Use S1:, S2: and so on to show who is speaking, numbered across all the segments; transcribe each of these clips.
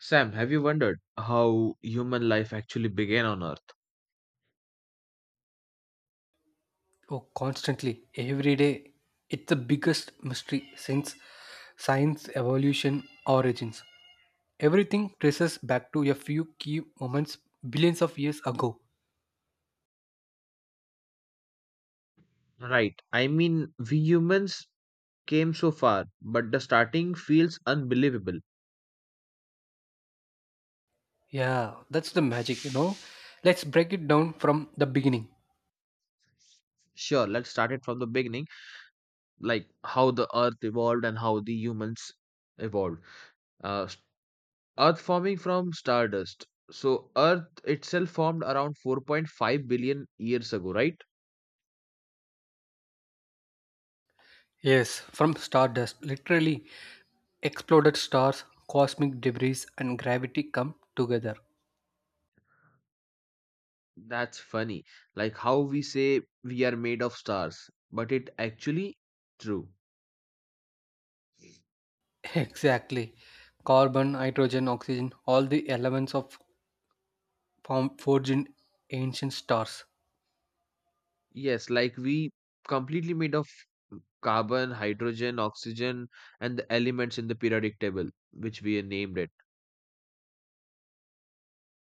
S1: Sam, have you wondered how human life actually began on Earth?
S2: Oh, constantly, every day. It's the biggest mystery since science, evolution, origins. Everything traces back to a few key moments billions of years ago.
S1: Right. I mean, we humans came so far, but the starting feels unbelievable.
S2: Yeah, that's the magic, Let's break it down from the beginning.
S1: Sure, let's start it from the beginning, like how the Earth evolved and how the humans evolved. Uh, s- Earth forming from stardust. So, Earth itself formed around 4.5 billion years ago, right?
S2: Yes, from stardust, literally exploded stars, cosmic debris, and gravity come together.
S1: That's funny. Like how we say we are made of stars, but it actually true.
S2: Exactly. Carbon, hydrogen, oxygen, all the elements of form forged in ancient stars.
S1: Yes, like we completely made of carbon, hydrogen, oxygen, and the elements in the periodic table, which we named it.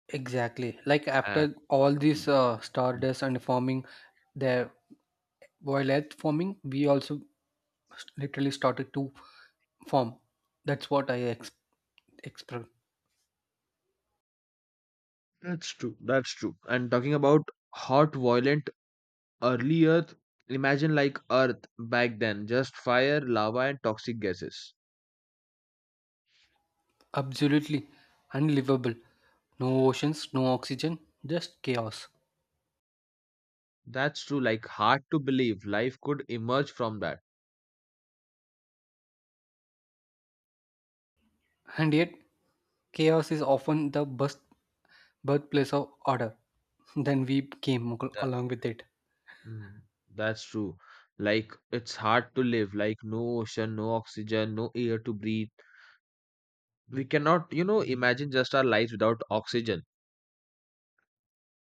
S2: Exactly. Like
S1: Uh,
S2: after all
S1: mm,
S2: these
S1: mm.
S2: stardust and forming their while earth forming, we also literally started to form. That's what I express.
S1: That's true. That's true. And talking about hot, violent, early Earth, imagine like Earth back then, just fire, lava, and toxic gases.
S2: Absolutely unlivable. No oceans, no oxygen, just chaos.
S1: That's true. Like hard to believe life could emerge from that.
S2: And yet, chaos is often the best birthplace of order. Then we came
S1: Tha-
S2: along with it.
S1: mm, that's true. Like it's hard to live. Like no ocean, no oxygen, no air to breathe. We cannot imagine just our lives without oxygen,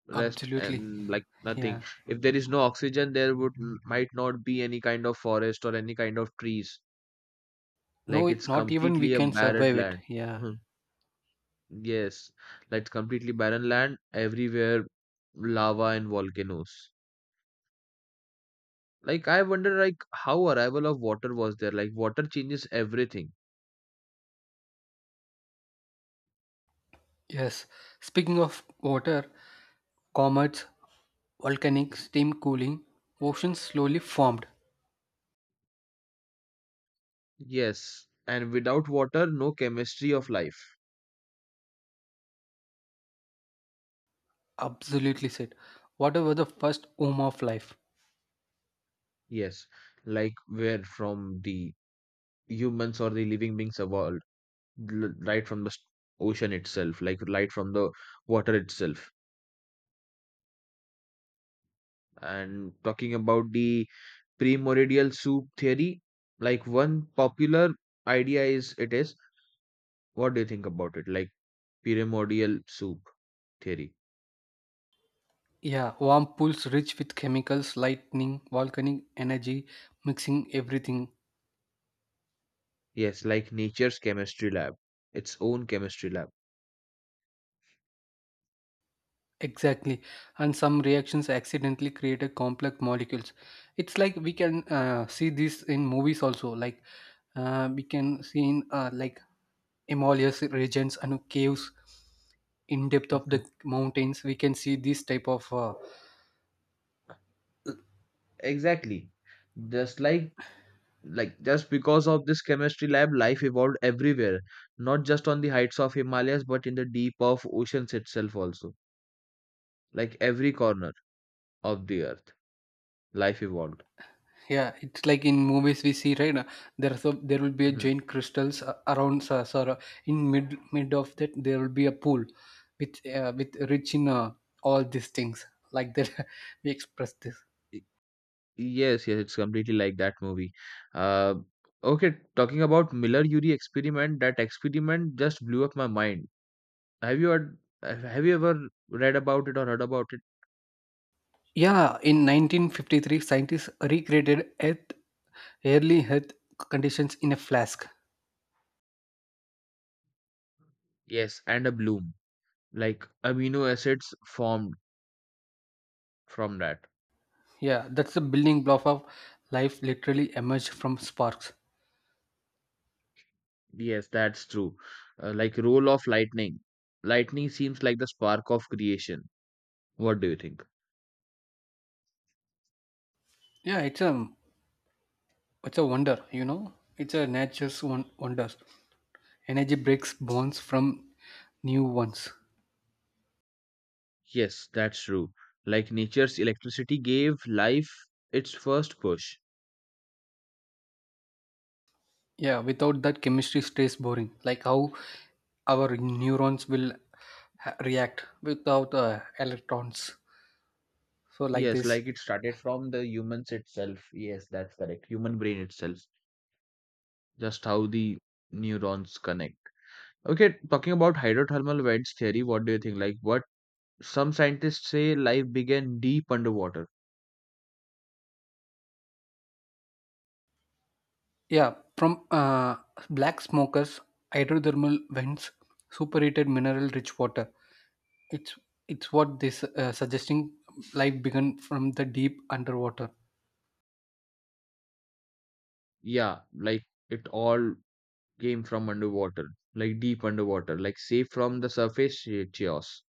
S1: rest,
S2: Absolutely.
S1: and like nothing.
S2: Yeah.
S1: If there is no oxygen, there would might not be any kind of forest or any kind of trees.
S2: No,
S1: Like it's
S2: not even we
S1: completely a
S2: can
S1: barren
S2: survive it.
S1: land.
S2: Yeah.
S1: Mhm. Yes, like completely barren land everywhere, lava and volcanoes. Like I wonder like how arrival of water was there. Like water changes everything.
S2: Yes. Speaking of water, comets, volcanic steam cooling, oceans slowly formed.
S1: Yes, and without water, no chemistry of life.
S2: Absolutely said. Water was the first home of life.
S1: Yes, like where from the humans or the living beings evolved, right from the ocean itself, like right from the water itself. And talking about the primordial soup theory, like one popular idea is it is, what do you think about it? Like primordial soup theory.
S2: Yeah, warm pools rich with chemicals, lightning, volcanic energy, mixing everything.
S1: Yes, like nature's chemistry lab, its own chemistry lab.
S2: Exactly. And some reactions accidentally created complex molecules. It's like we can see this in movies also. Like we can see in like Himalayas regions and caves in depth of
S1: Mhm.
S2: the mountains we can see this type of
S1: Exactly. Just like just because of this chemistry lab, life evolved everywhere, not just on the heights of Himalayas but in the deep of oceans itself also, like every corner of the Earth life evolved.
S2: Yeah, it's like in movies we see, right? There there will be a
S1: Mhm.
S2: giant crystals around us, or Sora. In mid of that, there will be a pool with rich in all these things. Like that, we express this.
S1: Y- yes, yes, it's completely like that movie. uh okay, talking about Miller Urey experiment, that experiment just blew up my mind. Have you heard, have you ever read about it or heard about it?
S2: Yeah, in 1953, scientists recreated Earth early Earth conditions in a flask.
S1: Yes, and a bloom, like amino acids formed from that.
S2: Yeah, that's the building block of life. Literally emerged from sparks.
S1: Yes, that's true. Like role of lightning. Lightning seems like the spark of creation. What do you think?
S2: Yeah, it's a wonder. You know, it's a nature's one wonder. Energy breaks bonds from new ones.
S1: Yes, that's true. Like nature's electricity gave life its first push.
S2: Yeah, without that, chemistry stays boring. Like how our neurons will react without electrons. So, like
S1: Yes,
S2: this.
S1: like it started from the humans itself. Yes, that's correct. Human brain itself. Just how the neurons connect. Okay, talking about hydrothermal vents theory, what do you think? Like what some scientists say, life began deep underwater.
S2: Yeah, from black smokers, hydrothermal vents, superheated mineral rich water. It's it's what this suggesting life began from the deep underwater.
S1: Yeah, like it all came from underwater, like deep underwater, like safe from the surface chaos.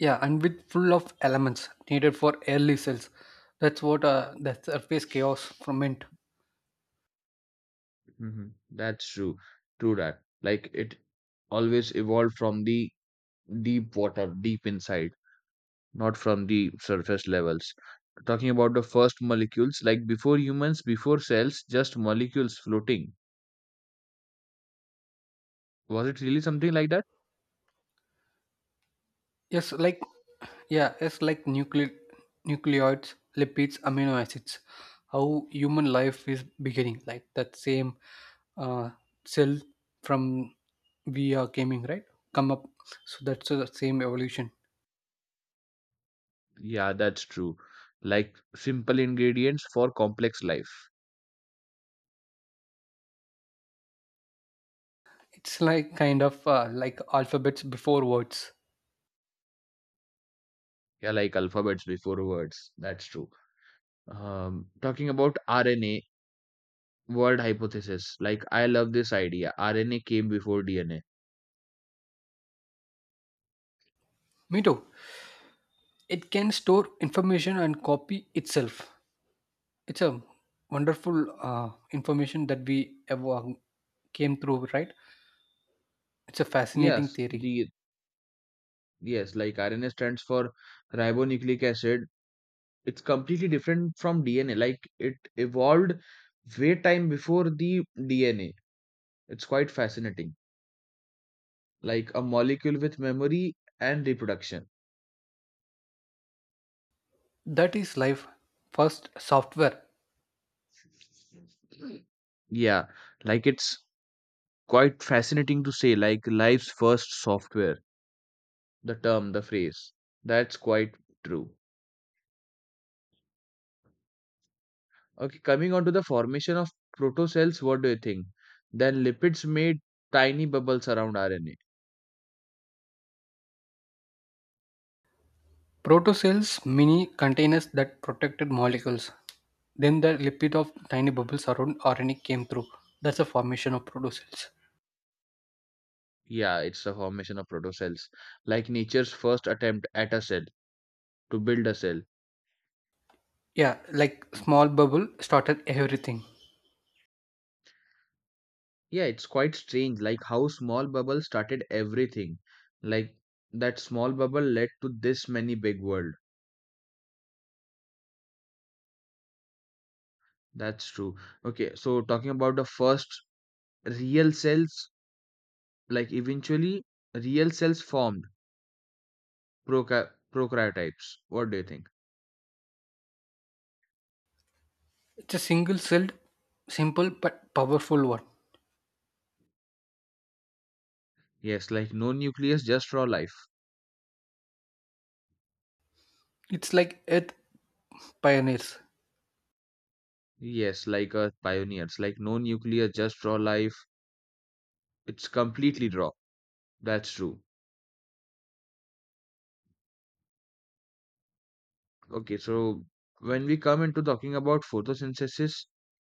S2: Yeah, and with full of elements needed for early cells. That's what the surface chaos from it.
S1: Hmm. That's true. True that. Like it always evolved from the deep water, deep inside, not from the surface levels. Talking about the first molecules, like before humans, before cells, just molecules floating. Was it really something like that?
S2: Yes, like yeah, yes, like nucleoids, lipids, amino acids. How human life is beginning, like that same uh, cell from we are coming, right? Come up, so that's the same evolution.
S1: Yeah, that's true. Like simple ingredients for complex life.
S2: It's like kind of like alphabets before words.
S1: Yeah, like alphabets before words. That's true. Talking about RNA World hypothesis. Like I love this idea. RNA came before DNA.
S2: Me too. It can store information and copy itself. It's a wonderful information that we ever came through, right? It's a fascinating
S1: Yes,
S2: theory.
S1: the yes, like RNA stands for ribonucleic acid. It's completely different from DNA. Like it evolved way time before the DNA. It's quite fascinating. Like a molecule with memory and reproduction.
S2: That is life first software.
S1: Yeah, like it's quite fascinating to say, like life's first software, the term, the phrase. That's quite true. Okay, coming on to the formation of protocells, what do you think? Then lipids made tiny bubbles around RNA.
S2: Protocells, mini containers that protected molecules. Then the lipid of tiny bubbles around RNA came through. That's the formation of protocells.
S1: Yeah, it's the formation of protocells, like nature's first attempt at a cell to build a cell.
S2: Yeah, like small bubble started everything.
S1: Yeah, it's quite strange, like how small bubble started everything. Like that small bubble led to this many big world. That's true. Okay, so talking about the first real cells, like eventually real cells formed, proca prokaryotypes. What do you think?
S2: It's a single celled, simple but powerful one.
S1: Yes, like no nucleus, just raw life.
S2: It's like Earth pioneers.
S1: Yes, like Earth pioneers, like no nucleus, just raw life. It's completely raw. That's true. Okay, so when we come into talking about photosynthesis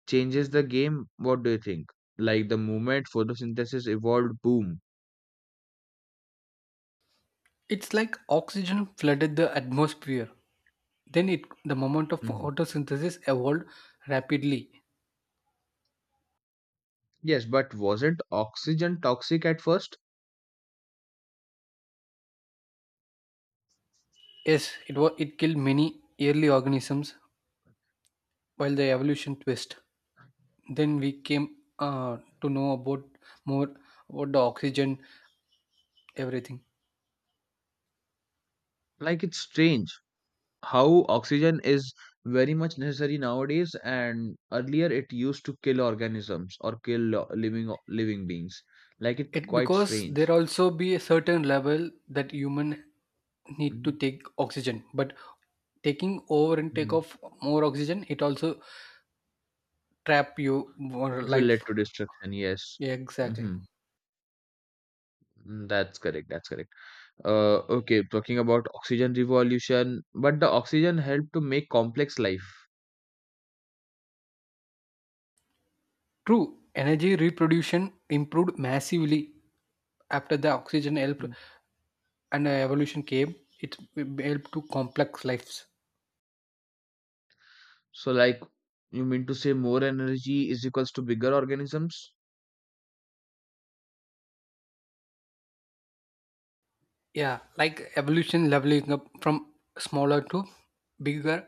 S1: changes the game, what do you think? Like the movement photosynthesis evolved, boom.
S2: It's like oxygen flooded the atmosphere. Then it the moment of
S1: Mhm.
S2: photosynthesis evolved rapidly.
S1: Yes, but wasn't oxygen toxic at first?
S2: Yes, it was it killed many early organisms while the evolution twist then we came to know about more about the oxygen everything
S1: Like it's strange, how oxygen is very much necessary nowadays and earlier it used to kill organisms or kill living living beings. Like it
S2: it
S1: quite
S2: because
S1: strange.
S2: there also be a certain level that human need to
S1: Mhm,
S2: take oxygen but taking over and take
S1: mhm.
S2: off more oxygen it also trap you more
S1: It will lead
S2: life
S1: to destruction, yes.
S2: yeah, exactly
S1: Hmm, that's correct, that's correct. Okay, talking about oxygen revolution, but the oxygen helped to make complex life.
S2: true energy reproduction improved massively after the oxygen helped
S1: Mhm.
S2: and evolution came it helped to complex lives.
S1: So, like, you mean to say more energy is equals to bigger organisms?
S2: Yeah, like evolution leveling up from smaller to bigger.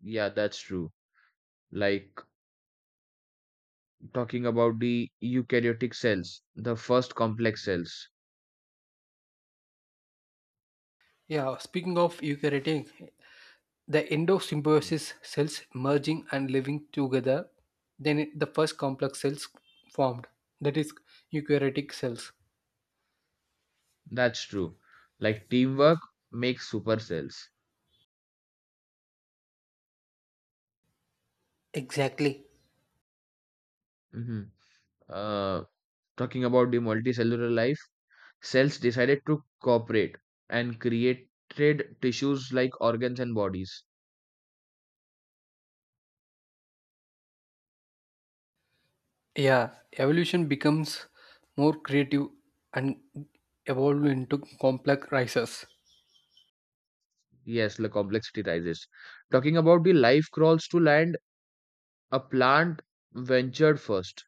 S1: Yeah, that's true. Like talking about the eukaryotic cells, the first complex cells.
S2: Yeah, speaking of eukaryotic, the endosymbiosis cells merging and living together, then the first complex cells formed, that is eukaryotic cells.
S1: That's true. Like teamwork makes super cells.
S2: Exactly.
S1: Mhm. Uh, Talking about the multicellular life, cells decided to cooperate and created tissues like organs and bodies.
S2: Yeah, evolution becomes more creative and evolved into complex races.
S1: Yes, the complexity rises. Talking about the life crawls to land, a plant ventured first.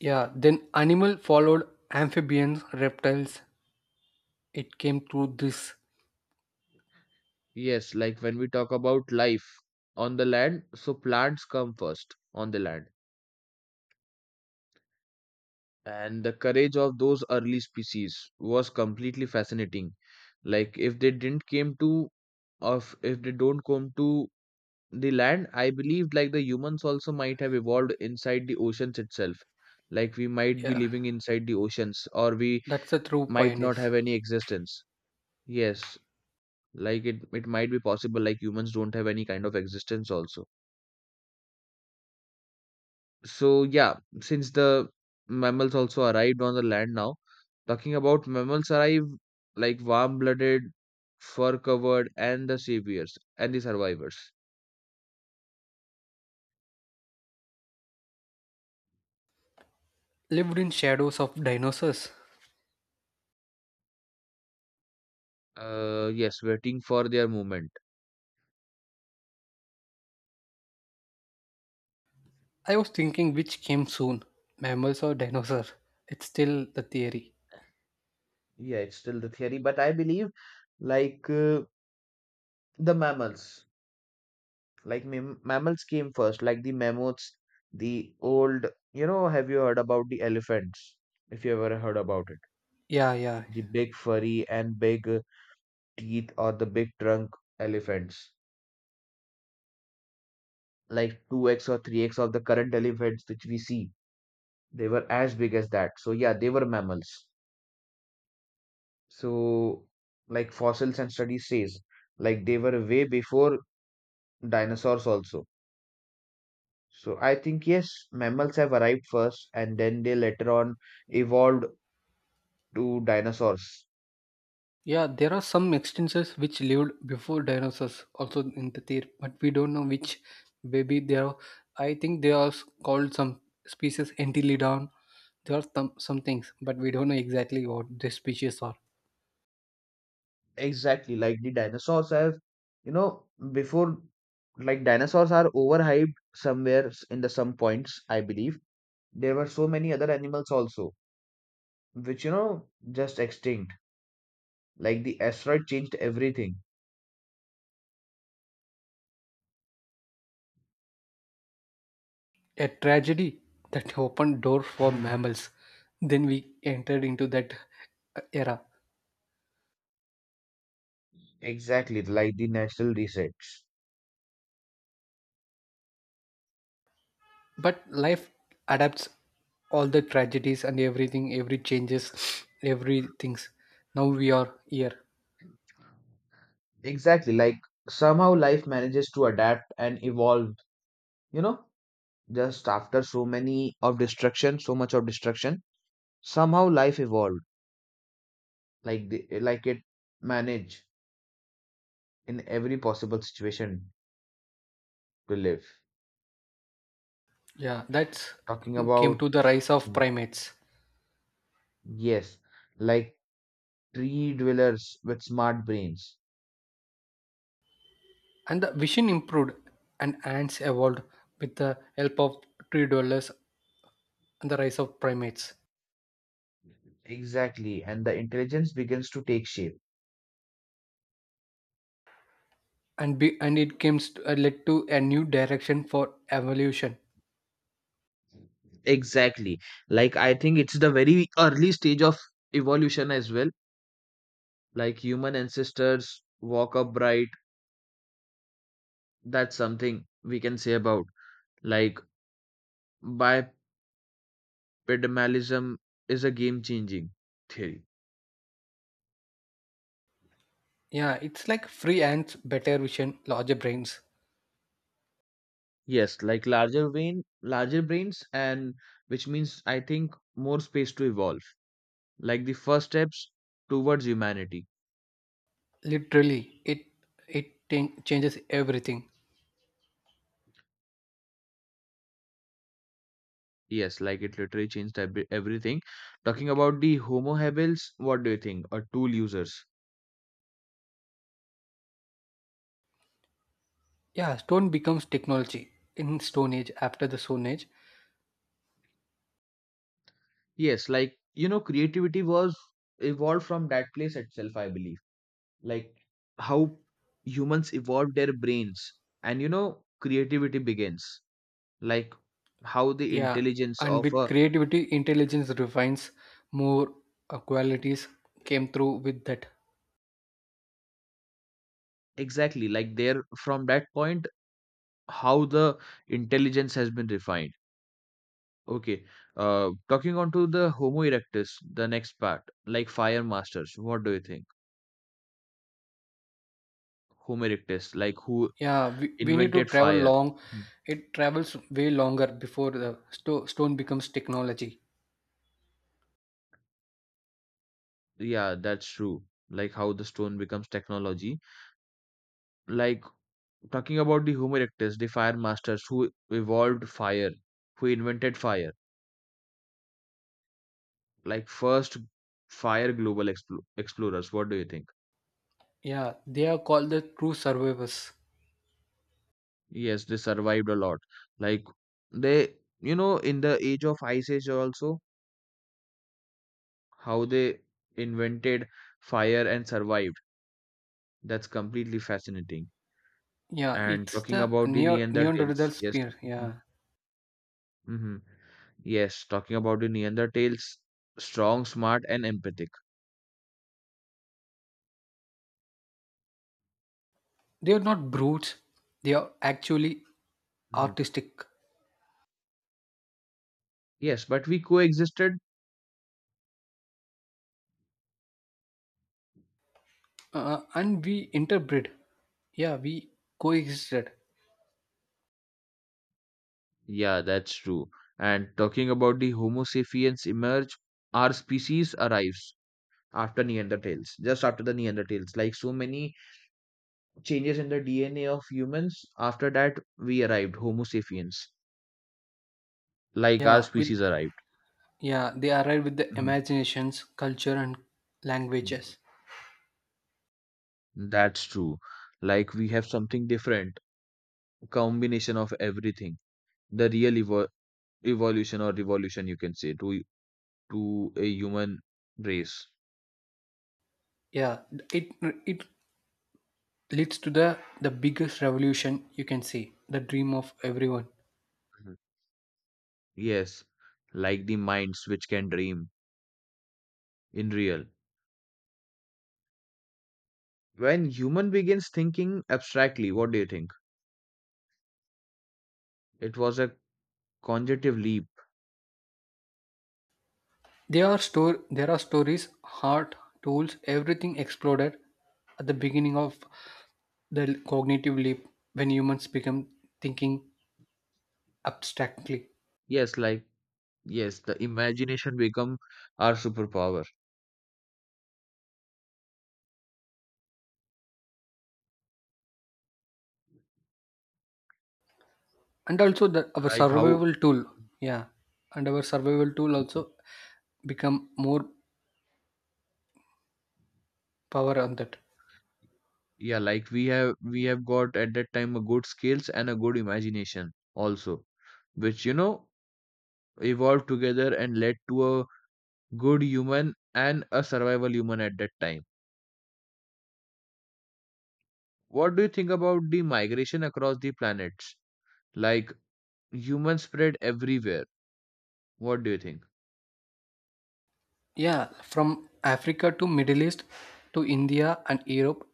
S2: Yeah, then animal followed amphibians, reptiles. It came through this.
S1: Yes, like when we talk about life on the land, so plants come first on the land. And the courage of those early species was completely fascinating. Like if they don't come to the land, I believe like the humans also might have evolved inside the oceans itself. Like we might be
S2: Yeah.
S1: living inside the oceans, or we
S2: That's the true
S1: might not
S2: pioneers.
S1: have any existence. Yes, like it might be possible, like humans don't have any kind of existence also. So yeah, since the mammals also arrived on the land now, talking about mammals arrive, like warm-blooded, fur-covered, and the saviors and the survivors.
S2: Lived in shadows of dinosaurs.
S1: Yes, waiting for their movement.
S2: I was thinking which came soon, mammals or dinosaurs. It's still the theory.
S1: Yeah, it's still the theory, but I believe like the mammals, like mammals came first, like the mammoths, the old. You know, have you heard about the elephants? If you ever heard about it,
S2: Yeah, yeah.
S1: the big furry and big teeth or the big trunk elephants, like 2x or 3x of the current elephants which we see. They were as big as that. So yeah, they were mammals. So like fossils and studies says, like they were way before dinosaurs also. So I think yes, mammals have arrived first and then they later on evolved to dinosaurs.
S2: Yeah, there are some extinctions which lived before dinosaurs also in the theory, but we don't know which baby they are. I think they are called some species Entilodon. There are some things, but we don't know exactly what the species are.
S1: Exactly, like the dinosaurs have, you know, before, like dinosaurs are overhyped somewhere in the some points, I believe there were so many other animals also which just extinct, like the asteroid changed everything.
S2: A tragedy that opened door for
S1: Mhm.
S2: mammals. Then we entered into that era.
S1: Exactly, like the natural resets.
S2: But life adapts all the tragedies and everything every changes every things. Now we are here
S1: Exactly, like somehow life manages to adapt and evolve, you know just after so many of destruction, so much of destruction, somehow life evolved. Like it managed in every possible situation to live.
S2: yeah that's
S1: Talking
S2: came
S1: about,
S2: to the rise of primates
S1: yes, like tree dwellers with smart brains.
S2: and the vision improved and ants evolved with the help of tree dwellers and the rise of primates
S1: Exactly, and the intelligence begins to take shape.
S2: and be, and it came led to a new direction for evolution
S1: Exactly. Like, I think it's the very early stage of evolution as well. Like, human ancestors walk upright. That's something we can say about. Like, bipedalism is a game changing theory.
S2: yeah it's like free ants better vision larger brains
S1: Yes, like larger brain, larger brains, and which means I think more space to evolve. Like the first steps towards humanity.
S2: literally it changes everything.
S1: Yes, like it literally changed everything. Talking about the Homo habils, what do you think? Or tool users?
S2: Yeah, stone becomes technology in Stone Age after the Stone Age.
S1: Yes, like creativity was evolved from that place itself, I believe. Like how humans evolved their brains, and creativity begins. Like how the
S2: Yeah,
S1: intelligence
S2: and
S1: of
S2: with
S1: a
S2: creativity, intelligence refines more qualities came through with that.
S1: exactly, like there from that point, how the intelligence has been refined. Okay. Talking on to the Homo erectus, the next part, like fire masters. What do you think? Homo erectus, like who
S2: Yeah, we need to
S1: invented
S2: travel
S1: fire?
S2: long.
S1: Mm,
S2: It travels way longer before the stone becomes technology.
S1: Yeah, that's true. Like how the stone becomes technology. Like talking about the Homo erectus, the fire masters who evolved fire, who invented fire, like first fire global explorers. What do you think?
S2: Yeah, they are called the true survivors.
S1: Yes, they survived a lot. Like they, in the age of Ice Age also. How they invented fire and survived. That's completely fascinating.
S2: Yeah,
S1: And
S2: it's
S1: talking
S2: the
S1: about the
S2: Neanderthal
S1: Neanderthals, yes,
S2: spear.
S1: mhm,
S2: Yeah,
S1: mhm. Yes, talking about the Neanderthals, strong, smart, and empathic.
S2: they are not brutes. They are actually
S1: Mhm.
S2: artistic.
S1: Yes, but we coexisted.
S2: And we interbred yeah we coexisted
S1: Yeah, that's true. And talking about the Homo sapiens emerge, our species arrives after Neanderthals, just after the Neanderthals. Like so many changes in the DNA of humans, after that we arrived, Homo sapiens. Like our
S2: yeah with
S1: species arrived.
S2: yeah they arrived with the
S1: Mhm.
S2: imaginations culture and languages
S1: That's true. Like we have something different, combination of everything. The real evolution or revolution, you can say, to a human race.
S2: yeah it it leads to the biggest revolution you can see the dream of everyone
S1: Mhm. Yes, like the minds which can dream in real. When human begins thinking abstractly, what do you think? It was a cognitive leap.
S2: there are stories heart tools everything exploded at the beginning of the cognitive leap when humans become thinking abstractly
S1: Yes, like, yes, the imagination become our superpower.
S2: and also the our
S1: Like how
S2: survival tool yeah and our survival tool also become more power on that
S1: Yeah, like we have got at that time a good skills and a good imagination also, which evolved together and led to a good human and a survival human at that time. What do you think about the migration across the planets? Like humans spread everywhere. What do you think?
S2: yeah from Africa to Middle East to India and Europe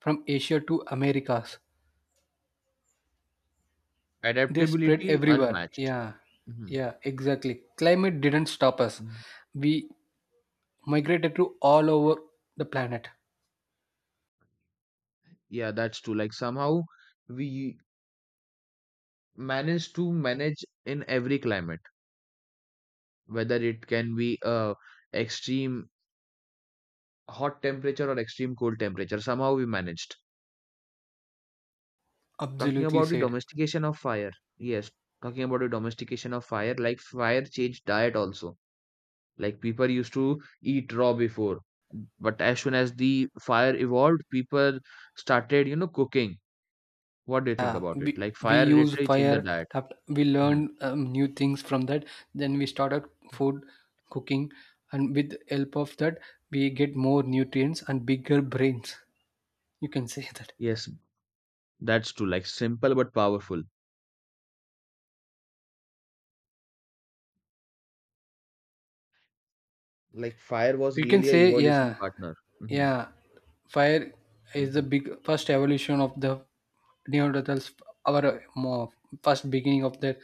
S2: from Asia to Americas they spread
S1: Adaptability
S2: everywhere
S1: unmatched.
S2: yeah
S1: Mhm,
S2: yeah exactly climate didn't stop us
S1: mhm.
S2: we migrated to all over the planet.
S1: Yeah, that's true. Like somehow we manage to manage in every climate, whether it can be a extreme hot temperature or extreme cold temperature. Somehow we managed. Talking
S2: Absolutely
S1: about the
S2: said.
S1: domestication of fire. Yes, talking about the domestication of fire, like fire changed diet also. Like people used to eat raw before, but as soon as the fire evolved, people started, cooking. What do you think
S2: Yeah,
S1: about it? Like
S2: we
S1: fire
S2: use
S1: literally changed the
S2: fire.
S1: diet.
S2: We
S1: Mhm.
S2: learned new things from that. Then we started food cooking, and with help of that, we get more nutrients and bigger brains. You can say that.
S1: Yes, that's true. Like simple but powerful. Like fire was
S2: You can
S1: really a
S2: say
S1: evolution
S2: yeah,
S1: partner. Hmm.
S2: yeah. Fire is the
S1: Hmm.
S2: big first evolution of the Neanderthals. Our first beginning of their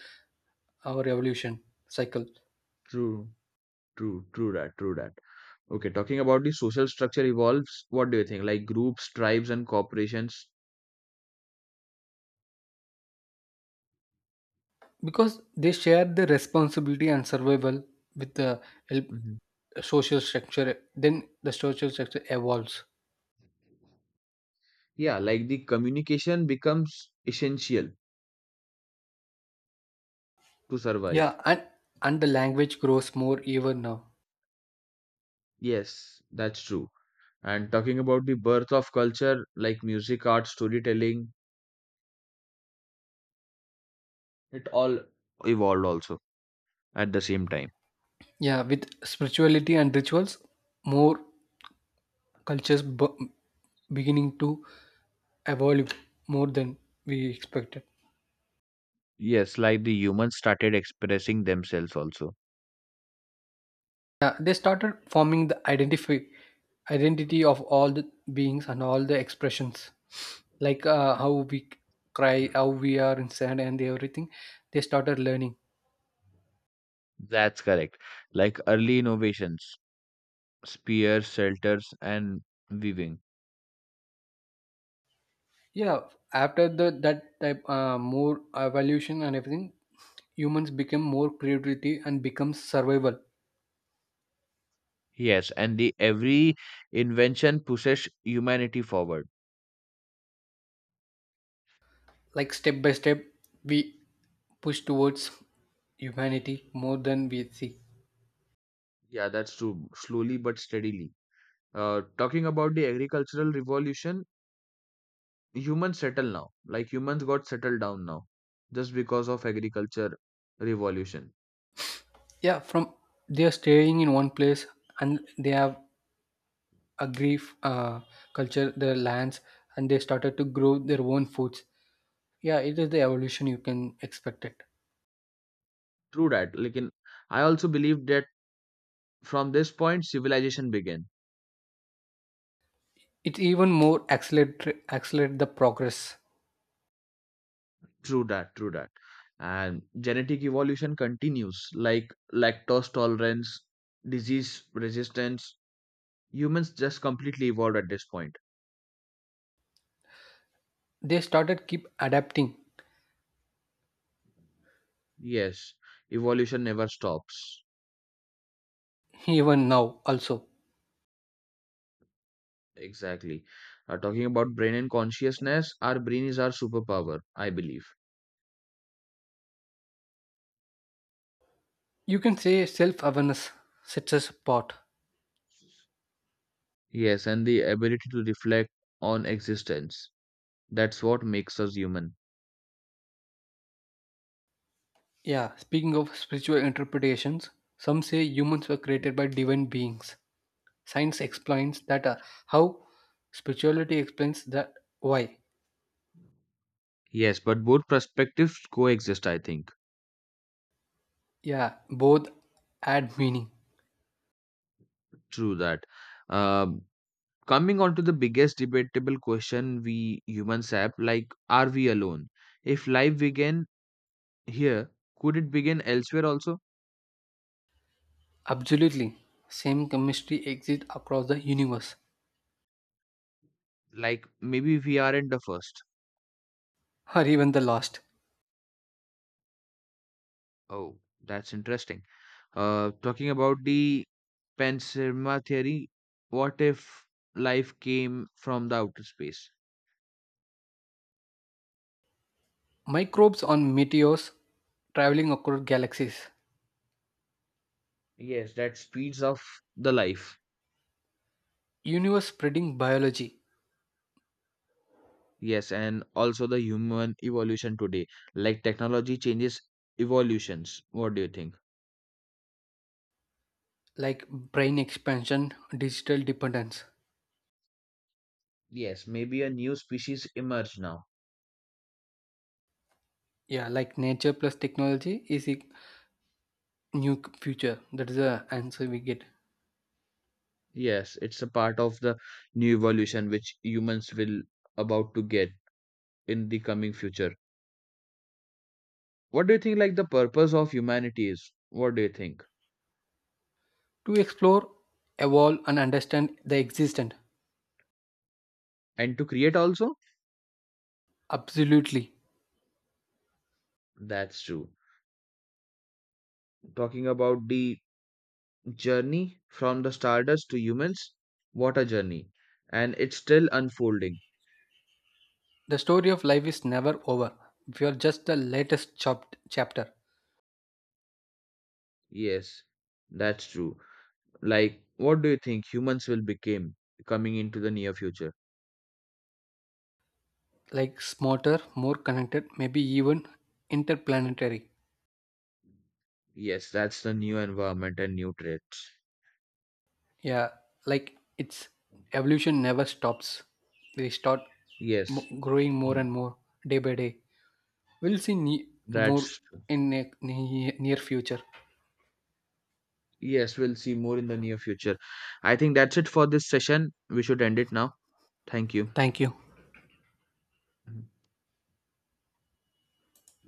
S2: our evolution cycle
S1: True. True, true that, true that. Okay, talking about the social structure evolves, what do you think? Like groups, tribes, and corporations?
S2: because they share the responsibility and survival with the help
S1: Mhm.
S2: social structure then the social structure evolves
S1: Yeah, like the communication becomes essential to survive.
S2: yeah and the language grows more even now
S1: Yes, that's true. And talking about the birth of culture, like music, art, storytelling, it all evolved also at the same time.
S2: yeah with spirituality and rituals more cultures beginning to evolve more than we expected
S1: Yes, like the humans started expressing themselves also.
S2: yeah, they started forming the identify identity of all the beings and all the expressions like how we cry
S1: Mhm.
S2: how we are inside and everything they started learning.
S1: That's correct. Like early innovations, spears, shelters, and weaving.
S2: Yeah, after the that type more evolution and everything, humans become more creativity and becomes survival.
S1: Yes, and the every invention pushes humanity forward.
S2: Like step by step, we push towards humanity more than we see.
S1: Yeah, that's true. Slowly but steadily. Talking about the agricultural revolution, humans settle now. Like humans got settled down now, just because of agriculture revolution.
S2: Yeah, from they are staying in one place and they have a grief culture, their lands, and they started to grow their own foods. Yeah, it is the evolution you can expect it.
S1: True that. I also believe that from this point civilization began.
S2: It even more accelerate the progress.
S1: True that. True that. And genetic evolution continues, like lactose tolerance, disease resistance. Humans just completely evolved at this point.
S2: They started keep adapting
S1: Yes, evolution never stops.
S2: even now also
S1: Exactly. Talking about brain and consciousness, our brain is our superpower, I believe.
S2: you can say self-awareness sets us apart
S1: Yes, and the ability to reflect on existence. That's what makes us human.
S2: yeah speaking of spiritual interpretations some say humans were created by divine beings science explains that how spirituality explains that why
S1: Yes, but both perspectives coexist, I think.
S2: yeah both add meaning
S1: True that. Um, Coming on to the biggest debatable question we humans have, like, are we alone? If life began here, could it begin elsewhere also?
S2: absolutely same chemistry exists across the universe
S1: Like, maybe we aren't the first.
S2: or even the lost
S1: Oh, that's interesting. Talking about the panspermia theory, what if life came from the outer space?
S2: microbes on meteors traveling across galaxies
S1: Yes, that speeds up the life.
S2: universe spreading biology
S1: Yes, and also the human evolution today. Like technology changes evolutions. What do you think?
S2: like brain expansion, digital dependence.
S1: Yes, maybe a new species emerge now.
S2: Yeah, like nature plus technology is a new future. That is the answer we get.
S1: Yes, it's a part of the new evolution which humans will about to get in the coming future. What do you think, like, the purpose of humanity is? What do you think?
S2: To explore, evolve, and understand the existent.
S1: And to create also?
S2: Absolutely.
S1: That's true. Talking about the journey from the stardust to humans, what a journey. And it's still unfolding.
S2: The story of life is never over. We are just the latest chapter.
S1: Yes, that's true. Like, what do you think humans will become coming into the near future?
S2: Like smarter, more connected, maybe even interplanetary.
S1: Yes, that's the new environment and new traits.
S2: Yeah, like its evolution never stops. We start
S1: Yes,
S2: growing more
S1: Hmm.
S2: and more day by day. We'll see more
S1: That's true.
S2: in near future.
S1: Yes, we'll see more in the near future. I think that's it for this session. We should end it now. Thank you.
S2: Thank you.
S1: Mhm.